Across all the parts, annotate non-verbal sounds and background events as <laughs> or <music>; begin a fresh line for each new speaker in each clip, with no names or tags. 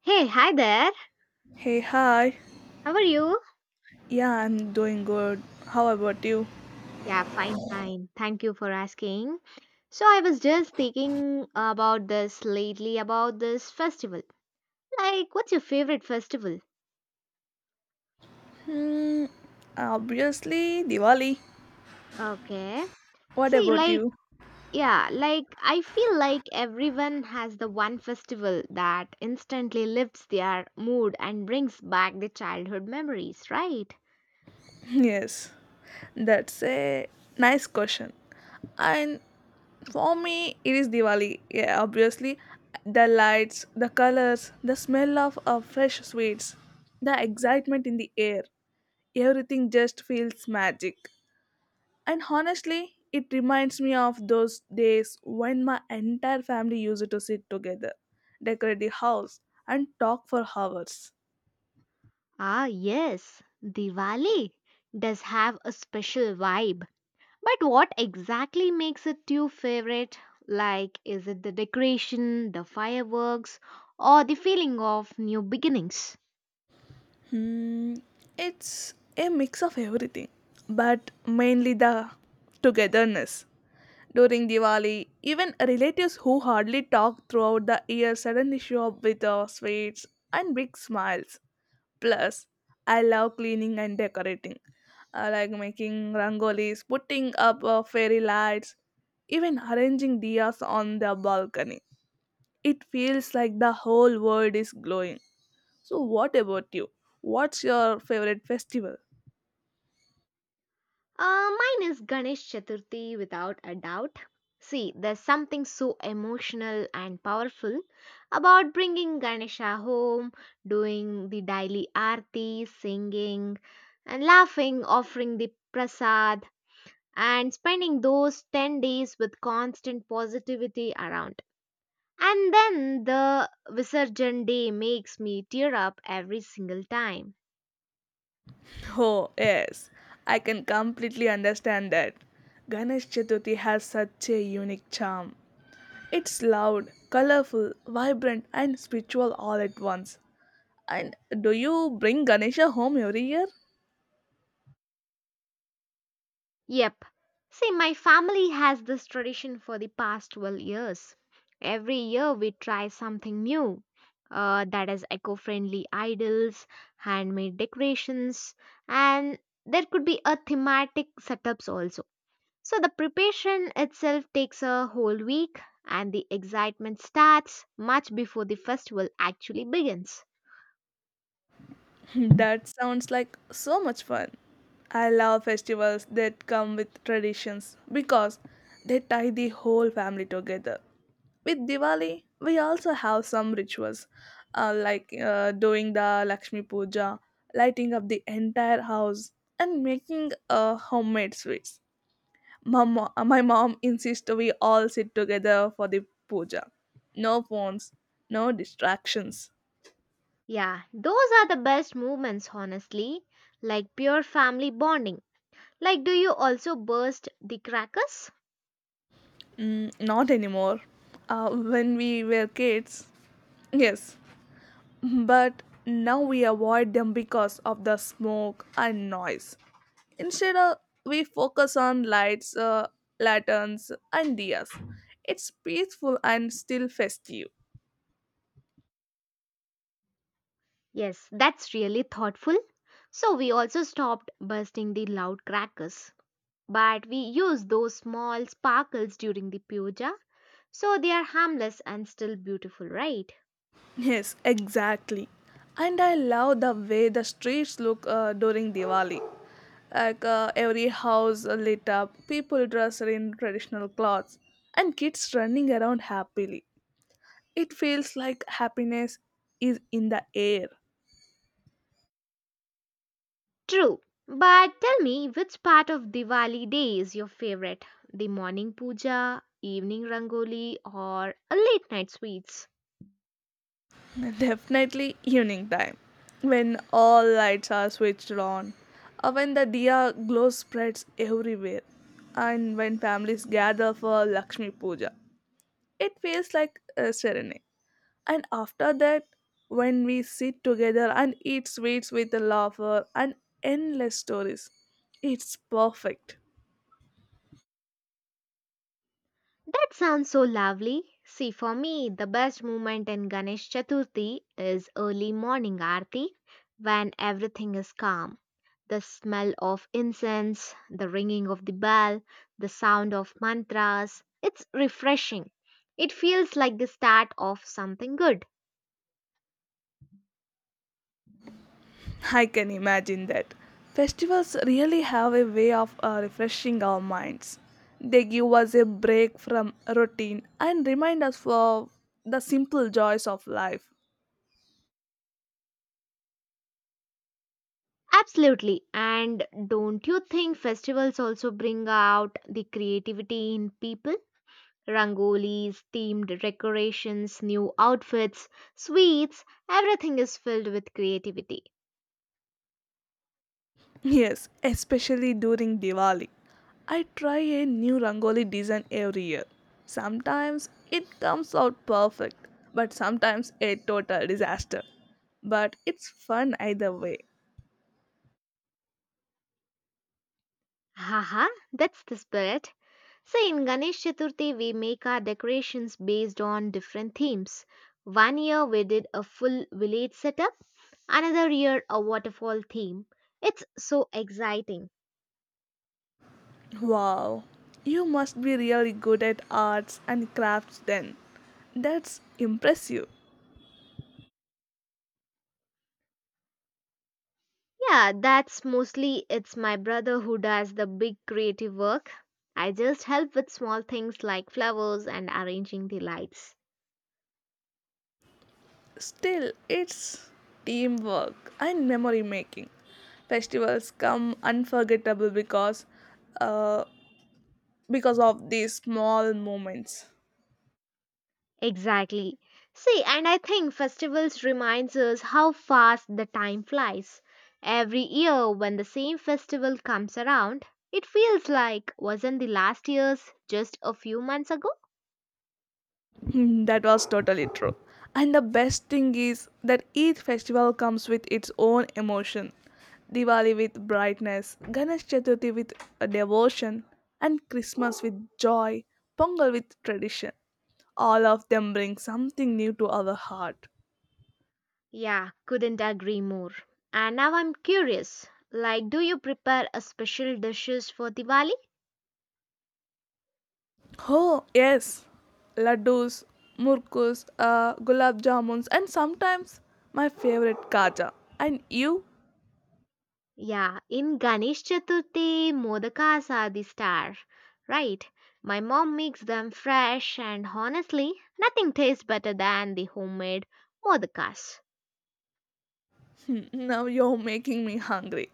Hey, hi there.
Hey, hi.
How are you?
Yeah, I'm doing good. How about you?
Yeah, fine, fine. Thank you for asking. So, I was just thinking about this lately about this festival. Like, what's your favorite festival?
Mm, Obviously, Diwali.
Okay.
What
See,
about
like,
you?
yeah, like, I feel like everyone has the one festival that instantly lifts their mood and brings back the childhood memories, right?
<laughs> Yes, that's a nice question. And for me, it is Diwali. Yeah, obviously, the lights, the colors, the smell of fresh sweets, the excitement in the air. Everything just feels magic. And honestly, it reminds me of those days when my entire family used to sit together, decorate the house, and talk for hours.
Ah, yes, Diwali does have a special vibe. But what exactly makes it your favorite? Like, is it the decoration, the fireworks, or the feeling of new beginnings?
Hmm, it's a mix of everything, but mainly the togetherness during Diwali. Even relatives who hardly talk throughout the year suddenly show up with sweets and big smiles. Plus, I love cleaning and decorating. I like making rangolis, putting up fairy lights, even arranging diyas on the balcony. It feels like the whole world is glowing. So, what about you? What's your favorite festival?
Mine is Ganesh Chaturthi without a doubt. See, there's something so emotional and powerful about bringing Ganesha home, doing the daily aarti, singing, and laughing, offering the prasad, and spending those 10 days with constant positivity around. And then the Visurgent Day makes me tear up every single time.
Oh, yes, I can completely understand that. Ganesh Chaturthi has such a unique charm. It's loud, colorful, vibrant, and spiritual all at once. And do you bring Ganesha home every year?
Yep. See, my family has this tradition for the past 12 years. Every year we try something new. That is eco friendly idols, handmade decorations, and there could be a thematic setups also. So the preparation itself takes a whole week, and the excitement starts much before the festival actually begins.
That sounds like so much fun. I love festivals that come with traditions because they tie the whole family together. With Diwali, we also have some rituals like doing the Lakshmi Puja, lighting up the entire house, and making homemade sweets. My mom insists we all sit together for the puja. No phones, no distractions.
Yeah, those are the best moments, honestly. Like pure family bonding. Like, do you also burst the crackers?
Not anymore. When we were kids, yes. But now we avoid them because of the smoke and noise. Instead, we focus on lights, lanterns, and dias. It's peaceful and still festive.
Yes, that's really thoughtful. So, we also stopped bursting the loud crackers. But we use those small sparkles during the puja, so they are harmless and still beautiful, right?
Yes, exactly. And I love the way the streets look during Diwali. Like every house lit up, people dressed in traditional clothes, and kids running around happily. It feels like happiness is in the air.
True. But tell me, which part of Diwali day is your favorite? The morning puja, evening rangoli, or a late night sweets?
Definitely evening time, when all lights are switched on, or when the diya glow spreads everywhere, and when families gather for Lakshmi Puja. It feels like a serenade. And after that, when we sit together and eat sweets with a laughter and endless stories, it's perfect.
That sounds so lovely. See, for me, the best moment in Ganesh Chaturthi is early morning aarti when everything is calm. The smell of incense, the ringing of the bell, the sound of mantras. It's refreshing. It feels like the start of something good.
I can imagine that. Festivals really have a way of refreshing our minds. They give us a break from routine and remind us of the simple joys of life.
Absolutely. And don't you think festivals also bring out the creativity in people? Rangolis, themed decorations, new outfits, sweets, everything is filled with creativity.
Yes, especially during Diwali. I try a new Rangoli design every year. Sometimes it comes out perfect, but sometimes a total disaster. But it's fun either way.
Haha, that's the spirit. So in Ganesh Chaturthi, we make our decorations based on different themes. One year we did a full village setup, another year a waterfall theme. It's so exciting.
Wow, you must be really good at arts and crafts then. That's impressive.
Yeah, that's mostly it's my brother who does the big creative work. I just help with small things like flowers and arranging the lights.
Still, it's teamwork and memory making. Festivals come unforgettable uh, because of these small moments.
Exactly. See, and I think festivals reminds us how fast the time flies. Every year when the same festival comes around, it feels like wasn't the last year's just a few months ago?
That was totally true. And the best thing is that each festival comes with its own emotion. Diwali with brightness, Ganesh Chaturthi with a devotion, and Christmas with joy, Pongal with tradition. All of them bring something new to our heart.
Yeah, couldn't agree more. And now I'm curious. Like, do you prepare a special dishes for Diwali?
Oh, yes. Laddus, murkus, gulab jamuns, and sometimes my favorite kaja. And you? <laughs>
Yeah, in Ganesh Chaturthi, modakas are the star, right? My mom makes them fresh, and honestly, nothing tastes better than the homemade modakas.
Now you're making me hungry.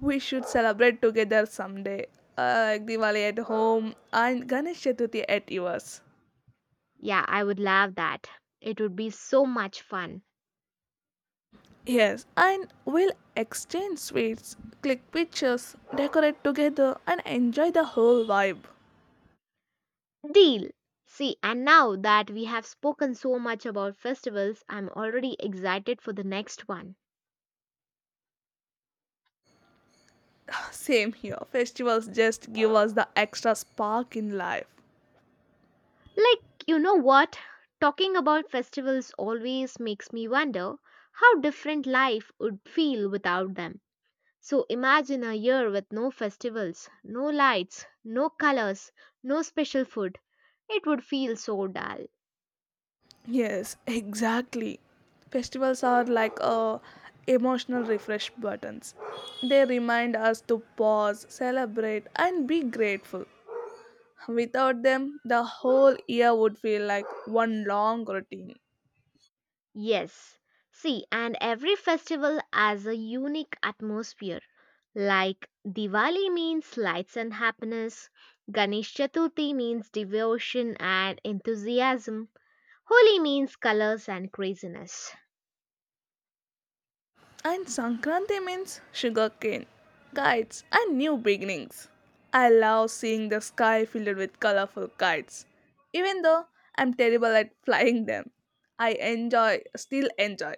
We should celebrate together someday, like Diwali at home and Ganesh Chaturthi at yours.
Yeah, I would love that. It would be so much fun.
Yes, and we'll exchange sweets, click pictures, decorate together, and enjoy the whole vibe.
Deal! See, and now that we have spoken so much about festivals, I'm already excited for the next one.
Same here. Festivals just give us the extra spark in life.
Like, you know what? Talking about festivals always makes me wonder how different life would feel without them. So imagine a year with no festivals, no lights, no colors, no special food. It would feel so dull.
Yes, exactly. Festivals are like emotional refresh buttons. They remind us to pause, celebrate, and be grateful. Without them, the whole year would feel like one long routine.
Yes. See, and every festival has a unique atmosphere. Like Diwali means lights and happiness, Ganesh Chaturthi means devotion and enthusiasm, Holi means colors and craziness.
And Sankranti means sugarcane, kites, and new beginnings. I love seeing the sky filled with colorful kites. Even though I'm terrible at <laughs> flying them, still enjoy,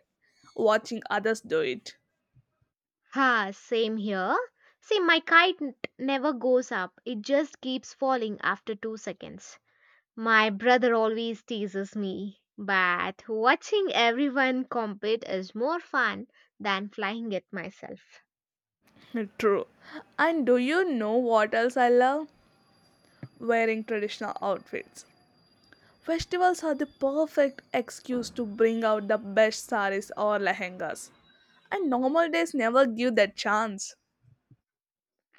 watching others do it.
Ha, same here. My kite never goes up, it just keeps falling after 2 seconds. My brother always teases me, but watching everyone compete is more fun than flying it myself.
True. And do you know what else I love? Wearing traditional outfits. Festivals are the perfect excuse to bring out the best saris or lehengas. And normal days never give that chance.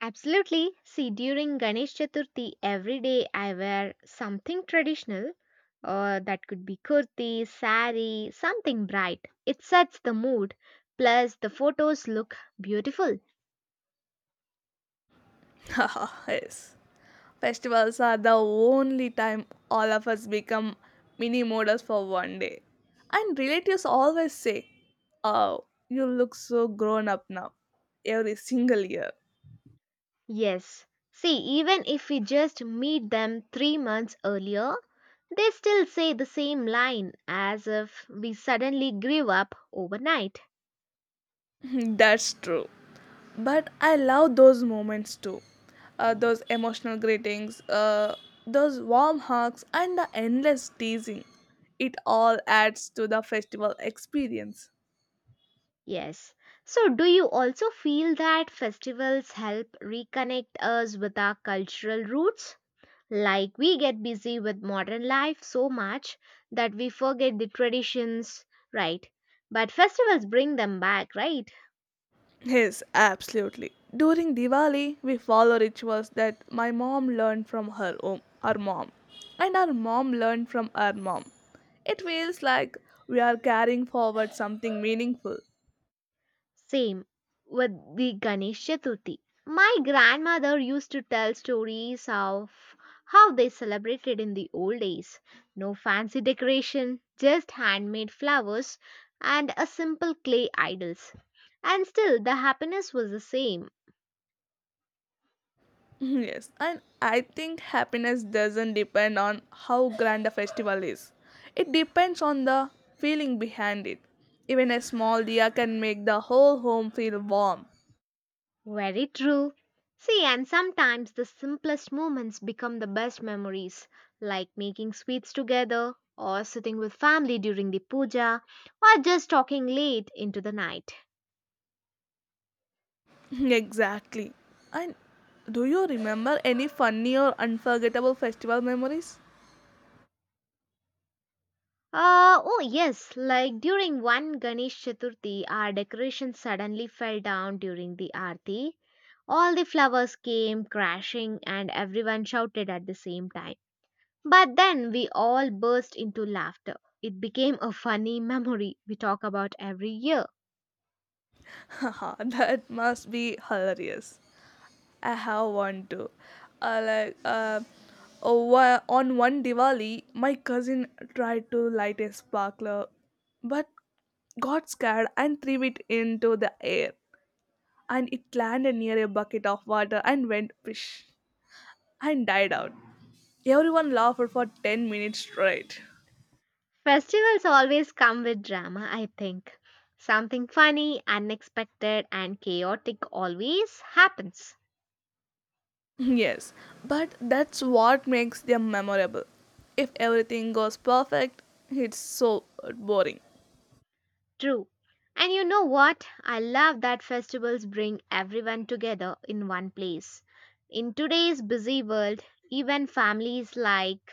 Absolutely. See, during Ganesh Chaturthi, every day I wear something traditional, or that could be kurti, sari, something bright. It sets the mood, plus, the photos look beautiful.
<laughs> Yes. Festivals are the only time all of us become mini models for one day. And relatives always say, "Oh, you look so grown up now," every single year.
Yes. See, even if we just meet them 3 months earlier, they still say the same line as if we suddenly grew up overnight.
<laughs> That's true. But I love those moments too. Those emotional greetings, those warm hugs, and the endless teasing. It all adds to the festival experience.
Yes. So, do you also feel that festivals help reconnect us with our cultural roots? Like, we get busy with modern life so much that we forget the traditions, right? But festivals bring them back, right?
Yes, absolutely. During Diwali, we follow rituals that my mom learned from her mom, and our mom learned from our mom. It feels like we are carrying forward something meaningful.
Same with the Ganesh Chaturthi. My grandmother used to tell stories of how they celebrated in the old days. No fancy decoration, just handmade flowers and a simple clay idols. And still the happiness was the same.
<laughs> Mhm, yes, and I think happiness doesn't depend on how grand a festival is. It depends on the feeling behind it. Even a small dia can make the whole home feel warm.
Very true. See, and sometimes the simplest moments become the best memories, like making sweets together, or sitting with family during the puja, or just talking late into the night.
<laughs> Mhm, exactly. And do you remember any funny or unforgettable festival memories?
Oh yes, like during one Ganesh Chaturthi, our decoration suddenly fell down during the aarti. All the flowers came crashing and everyone shouted at the same time. But then we all burst into laughter. It became a funny memory we talk about every year.
<laughs> Haha, that must be hilarious. I have one too. Like oh, on one Diwali, my cousin tried to light a sparkler, but got scared and threw it into the air, and it landed near a bucket of water and went fish and died out. Everyone laughed for 10 minutes straight. <laughs>
Festivals always come with drama, I think. Something funny, unexpected, and chaotic always happens.
Yes, but that's what makes them memorable. If everything goes perfect, it's so boring.
True. And you know what? I love that festivals bring everyone together in one place. In today's busy world, even families like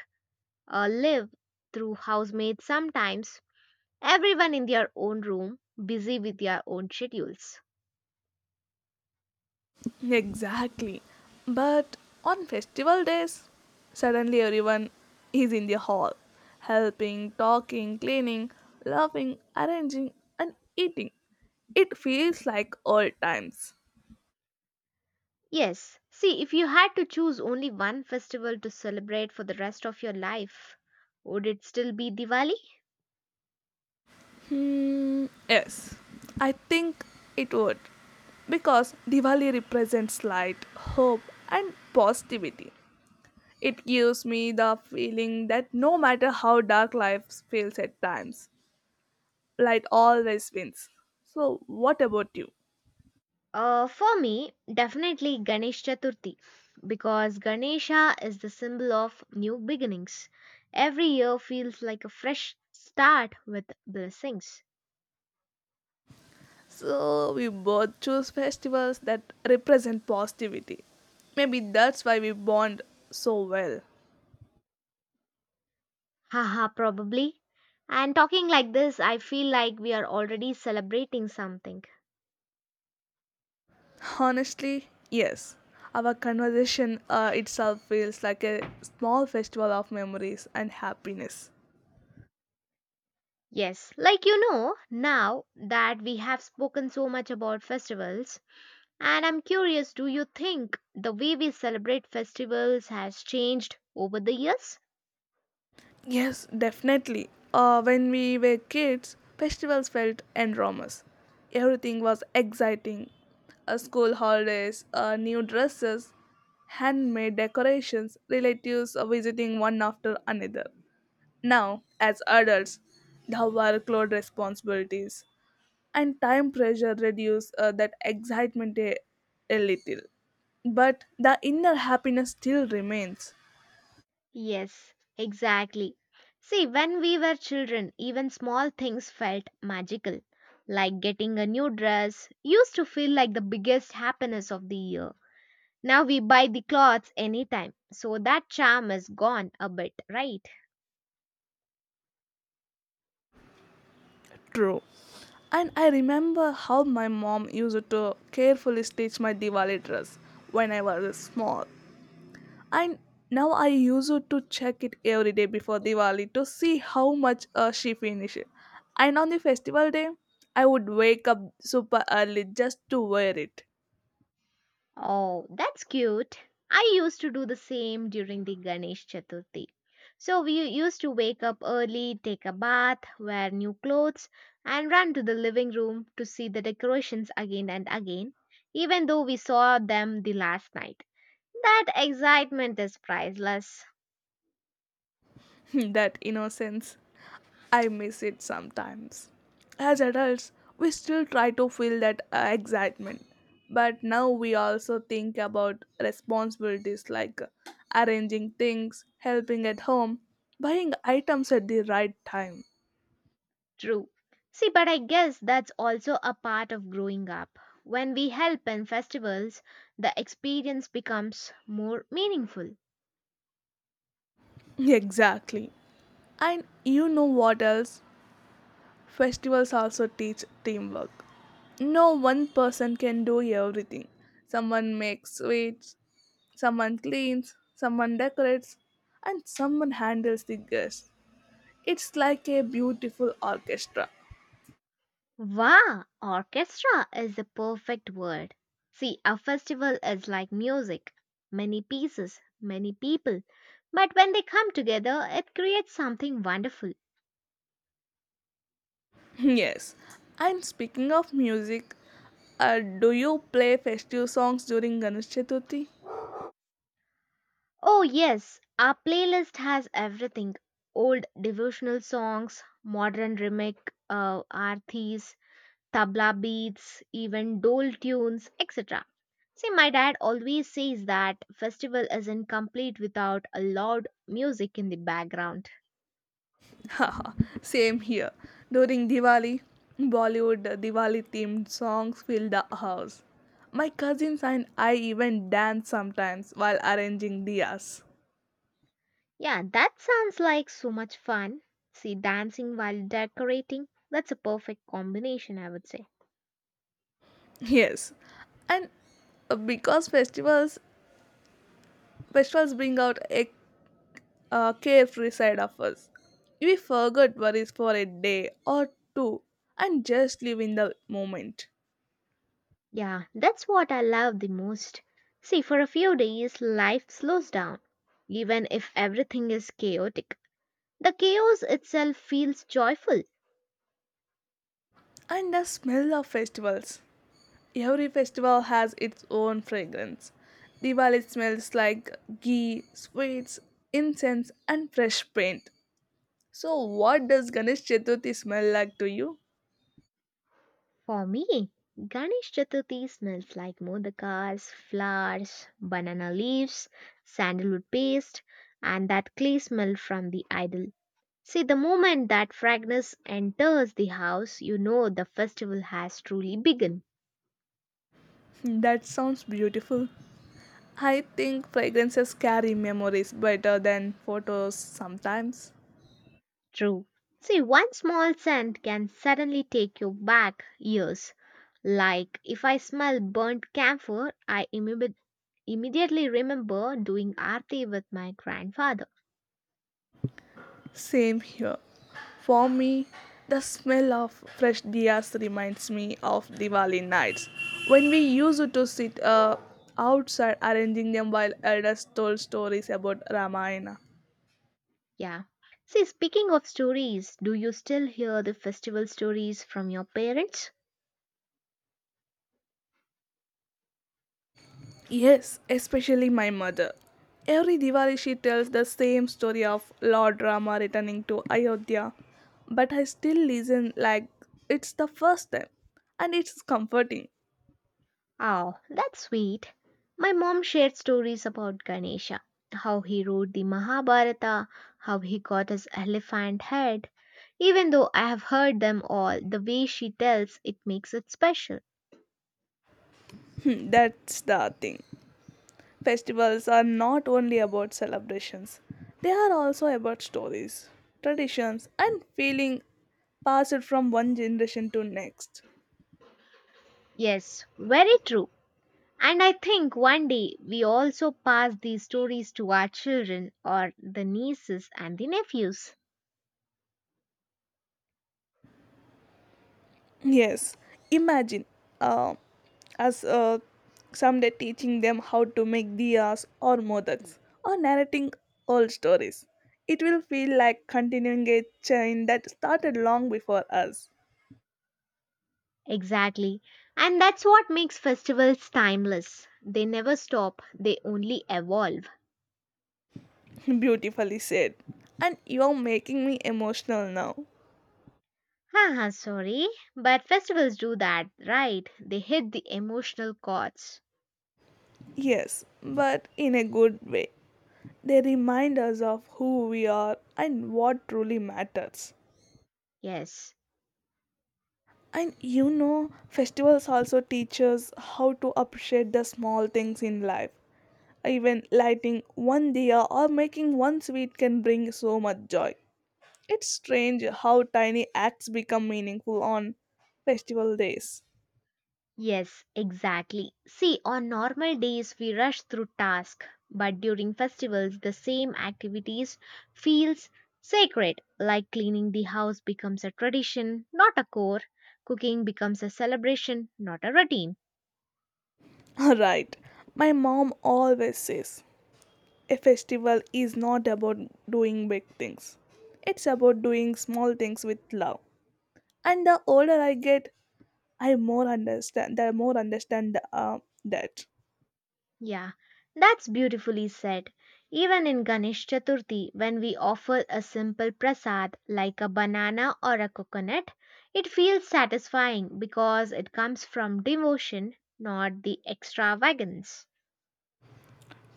live through housemates sometimes, everyone in their own room, busy with their own schedules.
Exactly. But on festival days, suddenly everyone is in the hall, helping, talking, cleaning, laughing, arranging, and eating. It feels like old times.
Yes, see, if you had to choose only one festival to celebrate for the rest of your life, would it still be Diwali?
Hmm, yes, I think it would. Because Diwali represents light, hope, and positivity. It gives me the feeling that no matter how dark life feels at times, light always wins. So, what about you?
For me, definitely Ganesh Chaturthi because Ganesha is the symbol of new beginnings. Every year feels like a fresh start with blessings.
So, we both choose festivals that represent positivity. Maybe that's why we bond so well.
Haha, probably. And talking like this, I feel like we are already celebrating something.
Honestly, yes. Our conversation itself feels like a small festival of memories and happiness.
Yes, like you know, now that we have spoken so much about festivals, and I'm curious, do you think the way we celebrate festivals has changed over the years?
Yes, definitely. When we were kids, festivals felt enormous. Everything was exciting. School holidays, new dresses, handmade decorations, relatives visiting one after another. Now, as adults, the workload responsibilities and time pressure reduce that excitement a little. But the inner happiness still remains.
Yes, exactly. See, when we were children, even small things felt magical. Like getting a new dress used to feel like the biggest happiness of the year. Now we buy the clothes anytime, so that charm is gone a bit, right?
True. And I remember how my mom used to carefully stitch my Diwali dress when I was small. And now I use it to check it every day before Diwali to see how much she finished. And on the festival day, I would wake up super early just to wear it.
Oh, that's cute. I used to do the same during the Ganesh Chaturthi. So we used to wake up early, take a bath, wear new clothes, and run to the living room to see the decorations again and again, even though we saw them the last night. That excitement is priceless.
<laughs> That innocence. I miss it sometimes. As adults, we still try to feel that excitement, but now we also think about responsibilities like arranging things, helping at home, buying items at the right time. <laughs>
True. See, but I guess that's also a part of growing up. When we help in festivals, the experience becomes more meaningful.
Exactly. And you know what else? Festivals also teach teamwork. No one person can do everything. Someone makes sweets, someone cleans, someone decorates, and someone handles the guests. It's like a beautiful orchestra.
Wow, orchestra is the perfect word. See, a festival is like music, many pieces, many people. But when they come together, it creates something wonderful.
<laughs> Yes. And speaking of music, do you play festive songs during Ganesh Chaturthi?
Oh, yes, our playlist has everything, old devotional songs, modern remake arthis, tabla beats, even dole tunes, etc. See, my dad always says that festival isn't complete without a loud music in the background.
<laughs> Haha, same here. During Diwali, Bollywood Diwali themed songs fill the house. My cousins and I even dance sometimes while arranging diyas. <laughs>
Yeah, that sounds like so much fun. See, dancing while decorating, that's a perfect combination, I would say.
Yes. And because festivals bring out a carefree side of us. We forget worries for a day or two and just live in the moment.
Yeah, that's what I love the most. See, for a few days, life slows down. Even if everything is chaotic, the chaos itself feels joyful.
And the smell of festivals. Every festival has its own fragrance. Diwali smells like ghee, sweets, incense, and fresh paint. So, what does Ganesh Chaturthi smell like to you?
For me, Ganesh Chaturthi smells like modakas, flowers, banana leaves, sandalwood paste, and that clay smell from the idol. See, the moment that fragrance enters the house, you know the festival has truly begun.
<laughs> That sounds beautiful. I think fragrances carry memories better than photos sometimes.
True. See, one small scent can suddenly take you back years. Like, if I smell burnt camphor, immediately remember doing aarti with my grandfather.
Same here. For me, the smell of fresh diyas reminds me of Diwali nights when we used to sit outside arranging them while elders told stories about Ramayana.
Yeah. See, speaking of stories, do you still hear the festival stories from your parents?
Yes, especially my mother. Every Diwali she tells the same story of Lord Rama returning to Ayodhya, but I still listen like it's the first time, and it's comforting.
Oh, that's sweet. My mom shared stories about Ganesha, how he wrote the Mahabharata, how he got his elephant head. Even though I have heard them all, the way she tells it makes it special.
That's the thing. Festivals are not only about celebrations, they are also about stories, traditions, and feeling passed from one generation to next.
Yes, very true. And I think one day we also pass these stories to our children or the nieces and the nephews.
Yes, imagine uh, us someday teaching them how to make diyas or modaks or narrating old stories. It will feel like continuing a chain that started long before us.
Exactly. And that's what makes festivals timeless. They never stop, they only evolve.
Beautifully said. And you're making me emotional now.
Haha, sorry, but festivals do that, right? They hit the emotional chords.
Yes, but in a good way. They remind us of who we are and what truly matters.
Yes,
And you know, festivals also teach us how to appreciate the small things in life. Even lighting one diya or making one sweet can bring so much joy. It's strange how tiny acts become meaningful on festival days.
yes, exactly. See, on normal days we rush through tasks, but during festivals the same activities feels sacred, like cleaning the house becomes a tradition, not a chore. Cooking becomes a celebration, not a routine.
<laughs> Right. My mom always says a festival is not about doing big things. It's about doing small things with love. And the older I get, I more understand. The more understand that.
Yeah, that's beautifully said. Even in Ganesh Chaturthi, when we offer a simple prasad like a banana or a coconut, it feels satisfying because it comes from devotion, not the extravagance.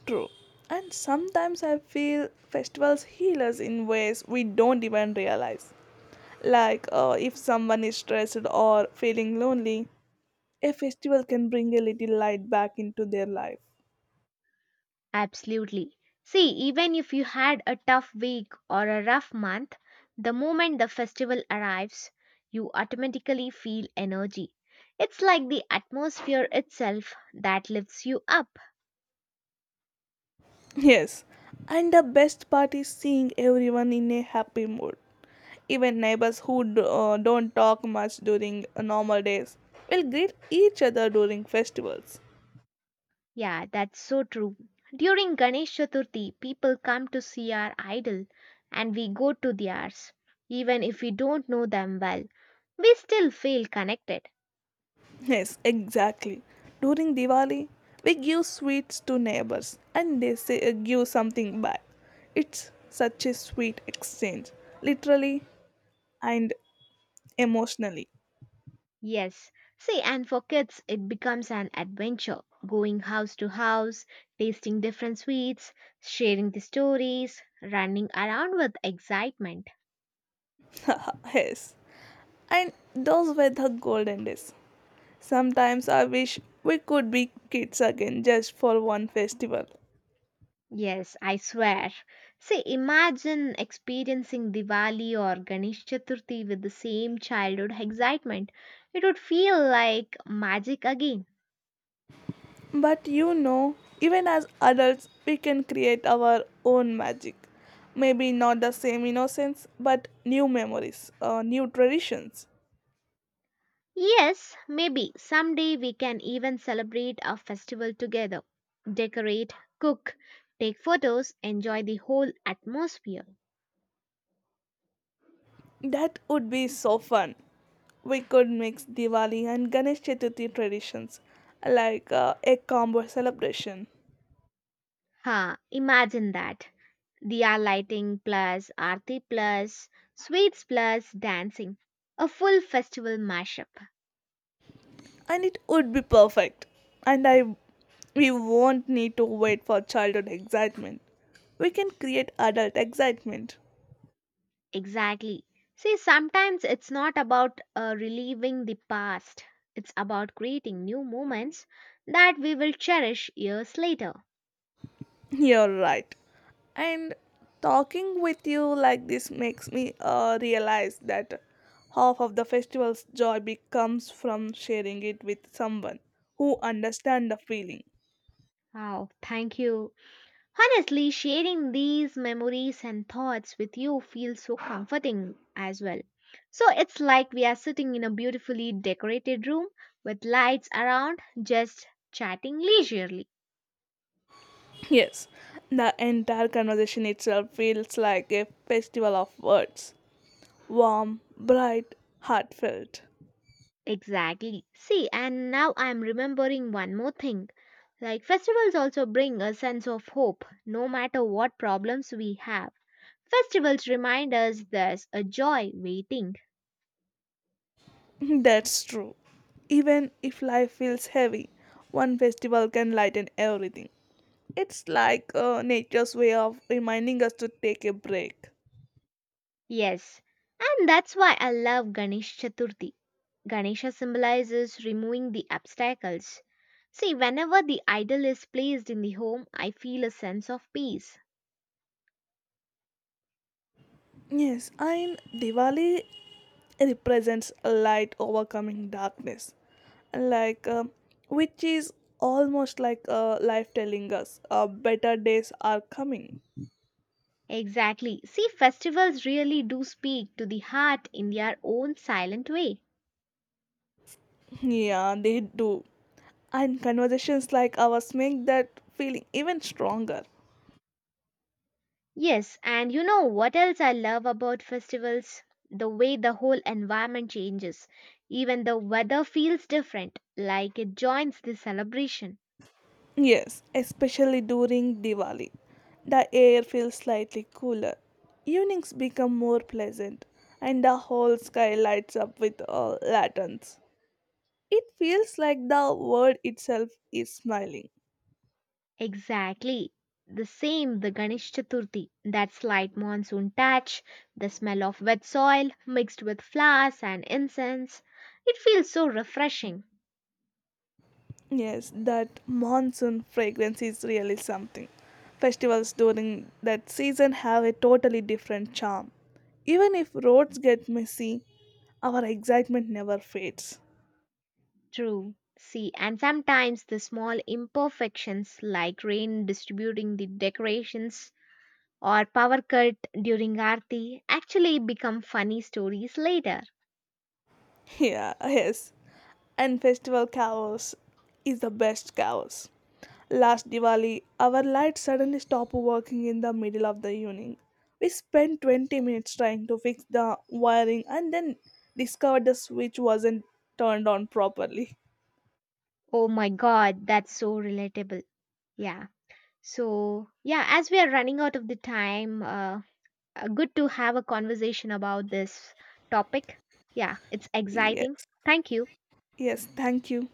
True. And sometimes I feel festivals heal us in ways we don't even realize. Like if someone is stressed or feeling lonely, a festival can bring a little light back into their life.
Absolutely. See, even if you had a tough week or a rough month, the moment the festival arrives, you automatically feel energy. It's like the atmosphere itself that lifts you up.
Yes, and the best part is seeing everyone in a happy mood. Even neighbors who don't talk much during normal days will greet each other during festivals.
Yeah, that's so true. During Ganesh Chaturthi, people come to see our idol and we go to theirs. Even if we don't know them well, we still feel connected.
Yes, exactly. During Diwali, we give sweets to neighbors and they say, give something back. It's such a sweet exchange, literally and emotionally.
Yes. See, and for kids, it becomes an adventure, going house to house, tasting different sweets, sharing the stories, running around with excitement.
<laughs> Yes. And those were the golden days. Sometimes I wish we could be kids again just for one festival.
Yes, I swear. See, imagine experiencing Diwali or Ganesh Chaturthi with the same childhood excitement. It would feel like magic again.
But even as adults, we can create our own magic. Maybe not the same innocence, but new memories, new traditions.
Yes, maybe someday we can even celebrate our festival together. Decorate, cook, take photos, enjoy the whole atmosphere.
That would be so fun. We could mix Diwali and Ganesh Chaturthi traditions, like a combo celebration.
Ha, imagine that. Diya lighting plus, aarti plus, sweets plus, dancing. A full festival mashup.
And it would be perfect. And I, we won't need to wait for childhood excitement. We can create adult excitement.
Exactly. See, sometimes it's not about relieving the past, it's about creating new moments that we will cherish years later.
<laughs> You're right. And talking with you like this makes me realize that half of the festival's joy becomes from sharing it with someone who understands the feeling.
Wow, thank you. Honestly, sharing these memories and thoughts with you feels so comforting as well. So it's like we are sitting in a beautifully decorated room with lights around, just chatting leisurely.
Yes, the entire conversation itself feels like a festival of words: warm, bright, heartfelt.
Exactly. See, and now I'm remembering one more thing. Like, festivals also bring a sense of hope, no matter what problems we have. Festivals remind us there's a joy waiting.
<laughs> That's true. Even if life feels heavy, one festival can lighten everything. It's like nature's way of reminding us to take a break.
Yes, and that's why I love Ganesh Chaturthi. Ganesha symbolizes removing the obstacles. See, whenever the idol is placed in the home, I feel a sense of peace.
Yes, and Diwali represents light overcoming darkness. Like, which is almost like life telling us better days are coming.
Exactly. See, festivals really do speak to the heart in their own silent way.
Yeah, they do. And conversations like ours make that feeling even stronger.
Yes, and you know what else I love about festivals? The way the whole environment changes. Even the weather feels different, like it joins the celebration.
Yes, especially during Diwali. The air feels slightly cooler. Evenings become more pleasant, and the whole sky lights up with lanterns. It feels like the world itself is smiling.
Exactly. The same the Ganesh Chaturthi, that slight monsoon touch, the smell of wet soil mixed with flowers and incense. It feels so refreshing.
Yes, that monsoon fragrance is really something. Festivals during that season have a totally different charm. Even if roads get messy, our excitement never fades. <laughs>
True. See, and sometimes the small imperfections like rain distributing the decorations or power cut during Aarti actually become funny stories later.
Yeah, yes. And festival chaos is the best chaos. Last Diwali, our light suddenly stopped working in the middle of the evening. We spent 20 minutes trying to fix the wiring and then discovered the switch wasn't turned on properly.
Oh my god, that's so relatable. Yeah. So, yeah, as we are running out of the time, good to have a conversation about this topic. Yeah, it's exciting.
Yes,
Thank you.
yes, thank you.